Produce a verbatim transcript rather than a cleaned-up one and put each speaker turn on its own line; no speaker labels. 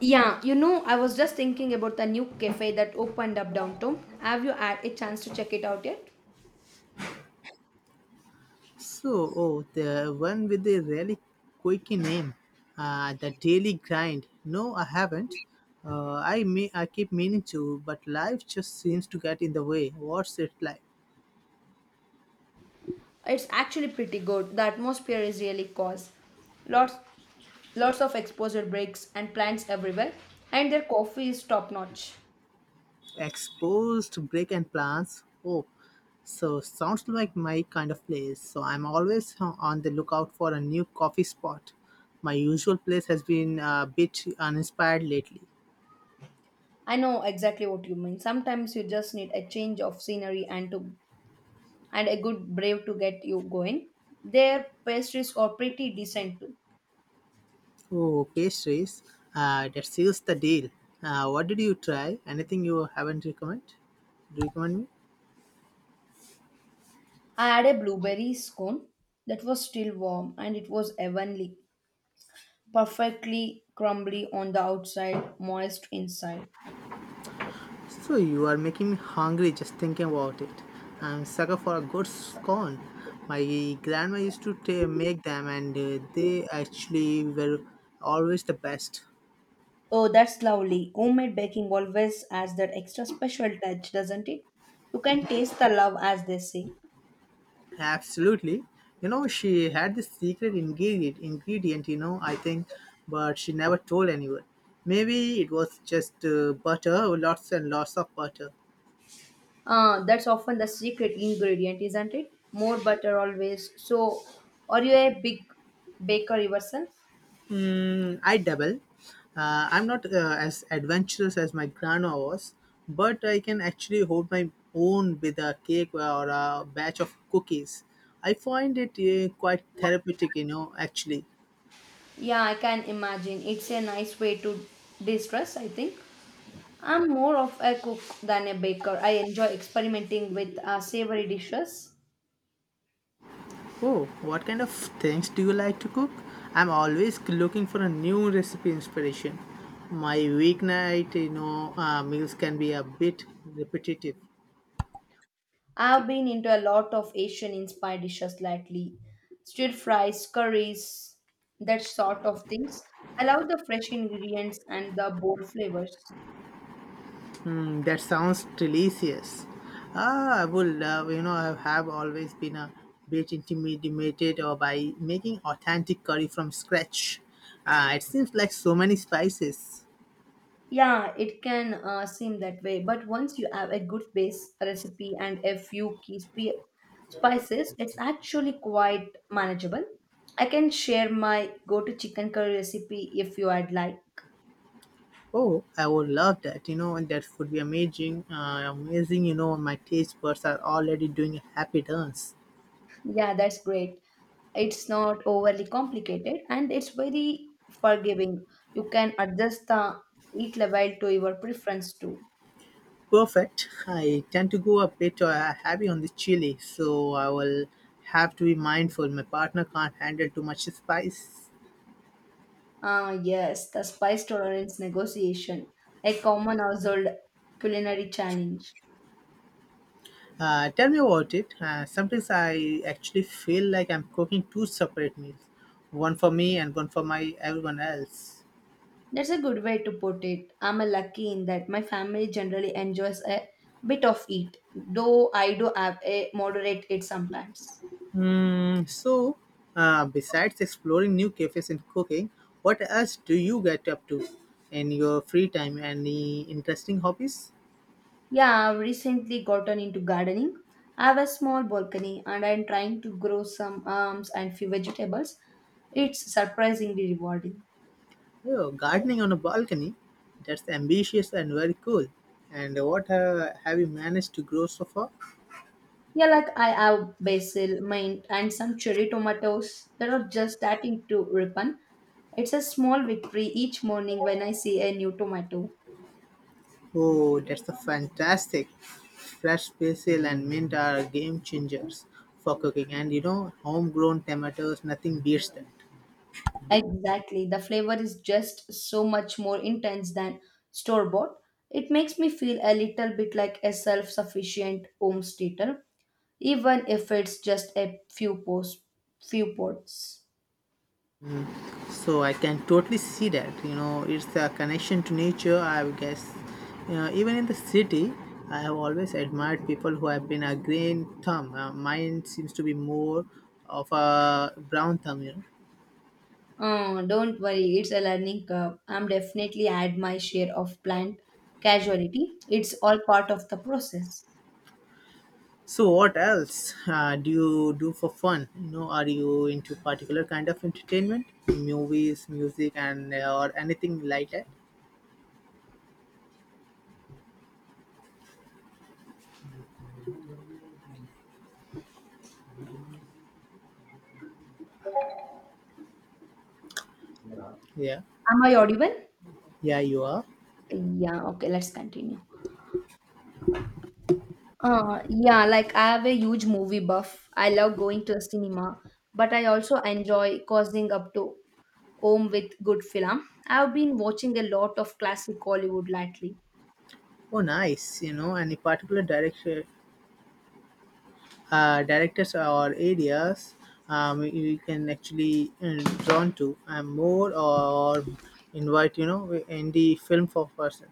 Yeah, you know, I was just thinking about the new cafe that opened up downtown. Have you had a chance to check it out yet?
So, oh, the one with the really quirky name, uh, the Daily Grind. No, I haven't. Uh, I may I keep meaning to, but life just seems to get in the way. What's it like?
It's actually pretty good. The atmosphere is really cozy. Lots lots of exposure breaks and plants everywhere, and their coffee is top notch.
Exposed break and plants. Oh, so sounds like my kind of place. So I'm always on the lookout for a new coffee spot. My usual place has been a bit uninspired lately.
I know exactly what you mean. Sometimes you just need a change of scenery and to and a good brew to get you going. Their pastries are pretty decent too.
Oh, pastries. Uh, that seals the deal. Uh, what did you try? Anything you haven't recommend? Do you recommend me?
I had a blueberry scone that was still warm and it was heavenly. Perfectly crumbly on the outside, moist inside.
So you are making me hungry just thinking about it. I'm sucker for a good scone. My grandma used to ta- make them, and uh, they actually were always the best.
Oh, that's lovely. Homemade baking always adds that extra special touch, doesn't it? You can taste the love, as they say.
Absolutely. You know, she had this secret ingredient. Ingredient, you know, I think, but she never told anyone. Maybe it was just uh, butter, lots and lots of butter.
Ah, that's often the secret ingredient, isn't it? More butter always. So, are you a big baker yourself?
Mm, I double. Uh, I'm not uh, as adventurous as my grandma was, but I can actually hold my own with a cake or a batch of cookies. I find it uh, quite therapeutic, you know, actually.
Yeah, I can imagine. It's a nice way to de-stress, I think. I'm more of a cook than a baker. I enjoy experimenting with uh, savory dishes.
Oh, what kind of things do you like to cook? I'm always looking for a new recipe inspiration. My weeknight, you know, uh, meals can be a bit repetitive.
I've been into a lot of Asian inspired dishes lately. Stir fries, curries, that sort of things. I love the fresh ingredients and the bold flavors.
Mm, that sounds delicious. Ah, I would love, you know, I have always been a bit intimidated or by making authentic curry from scratch. Uh, it seems like so many spices.
Yeah, it can uh, seem that way, but once you have a good base recipe and a few key spi- spices, it's actually quite manageable. I can share my go to chicken curry recipe if you would like.
Oh, I would love that, you know, and that would be amazing. Uh, amazing, you know, my taste buds are already doing a happy dance.
Yeah, that's great. It's not overly complicated and it's very forgiving. You can adjust the heat level to your preference too.
Perfect. I tend to go a bit uh, heavy on the chili, so I will have to be mindful. My partner can't handle too much spice.
Ah, yes, the spice tolerance negotiation, a common household culinary challenge.
Uh, tell me about it. Uh, sometimes I actually feel like I'm cooking two separate meals, one for me and one for my everyone else.
That's a good way to put it. I'm a lucky in that my family generally enjoys a bit of it, though I do have a moderate it sometimes.
Mm, so, uh, besides exploring new cafes and cooking, what else do you get up to in your free time? Any interesting hobbies?
Yeah, I've recently gotten into gardening. I have a small balcony and I'm trying to grow some herbs and few vegetables. It's surprisingly rewarding.
Oh, gardening on a balcony. That's ambitious and very cool. And what uh, have you managed to grow so far?
Yeah, like I have basil, mint, and some cherry tomatoes that are just starting to ripen. It's a small victory each morning when I see a new tomato.
Oh, that's a fantastic. Fresh basil and mint are game changers for cooking, and you know, homegrown tomatoes, nothing beats that.
Exactly, the flavor is just so much more intense than store bought. It makes me feel a little bit like a self sufficient homesteader, even if it's just a few posts, few ports.
So I can totally see that. You know, it's a connection to nature, I guess. You know, even in the city, I have always admired people who have been a green thumb. Uh, mine seems to be more of a brown thumb, you know.
Uh, don't worry, it's a learning curve. I'm definitely add my share of planned casualty. It's all part of the process.
So what else uh, do you do for fun? You know, are you into particular kind of entertainment, movies, music, and uh, or anything like that? Yeah,
Am I audible?
yeah, you are.
Yeah, okay, let's continue. Uh, yeah, like I have a huge movie buff. I love going to the cinema, but I also enjoy cozying up to home with good film. I've been watching a lot of classic Hollywood lately.
Oh, nice. You know, any particular director, uh, directors or areas um, you can actually uh, drawn to? I'm more or invite you know indie film for person.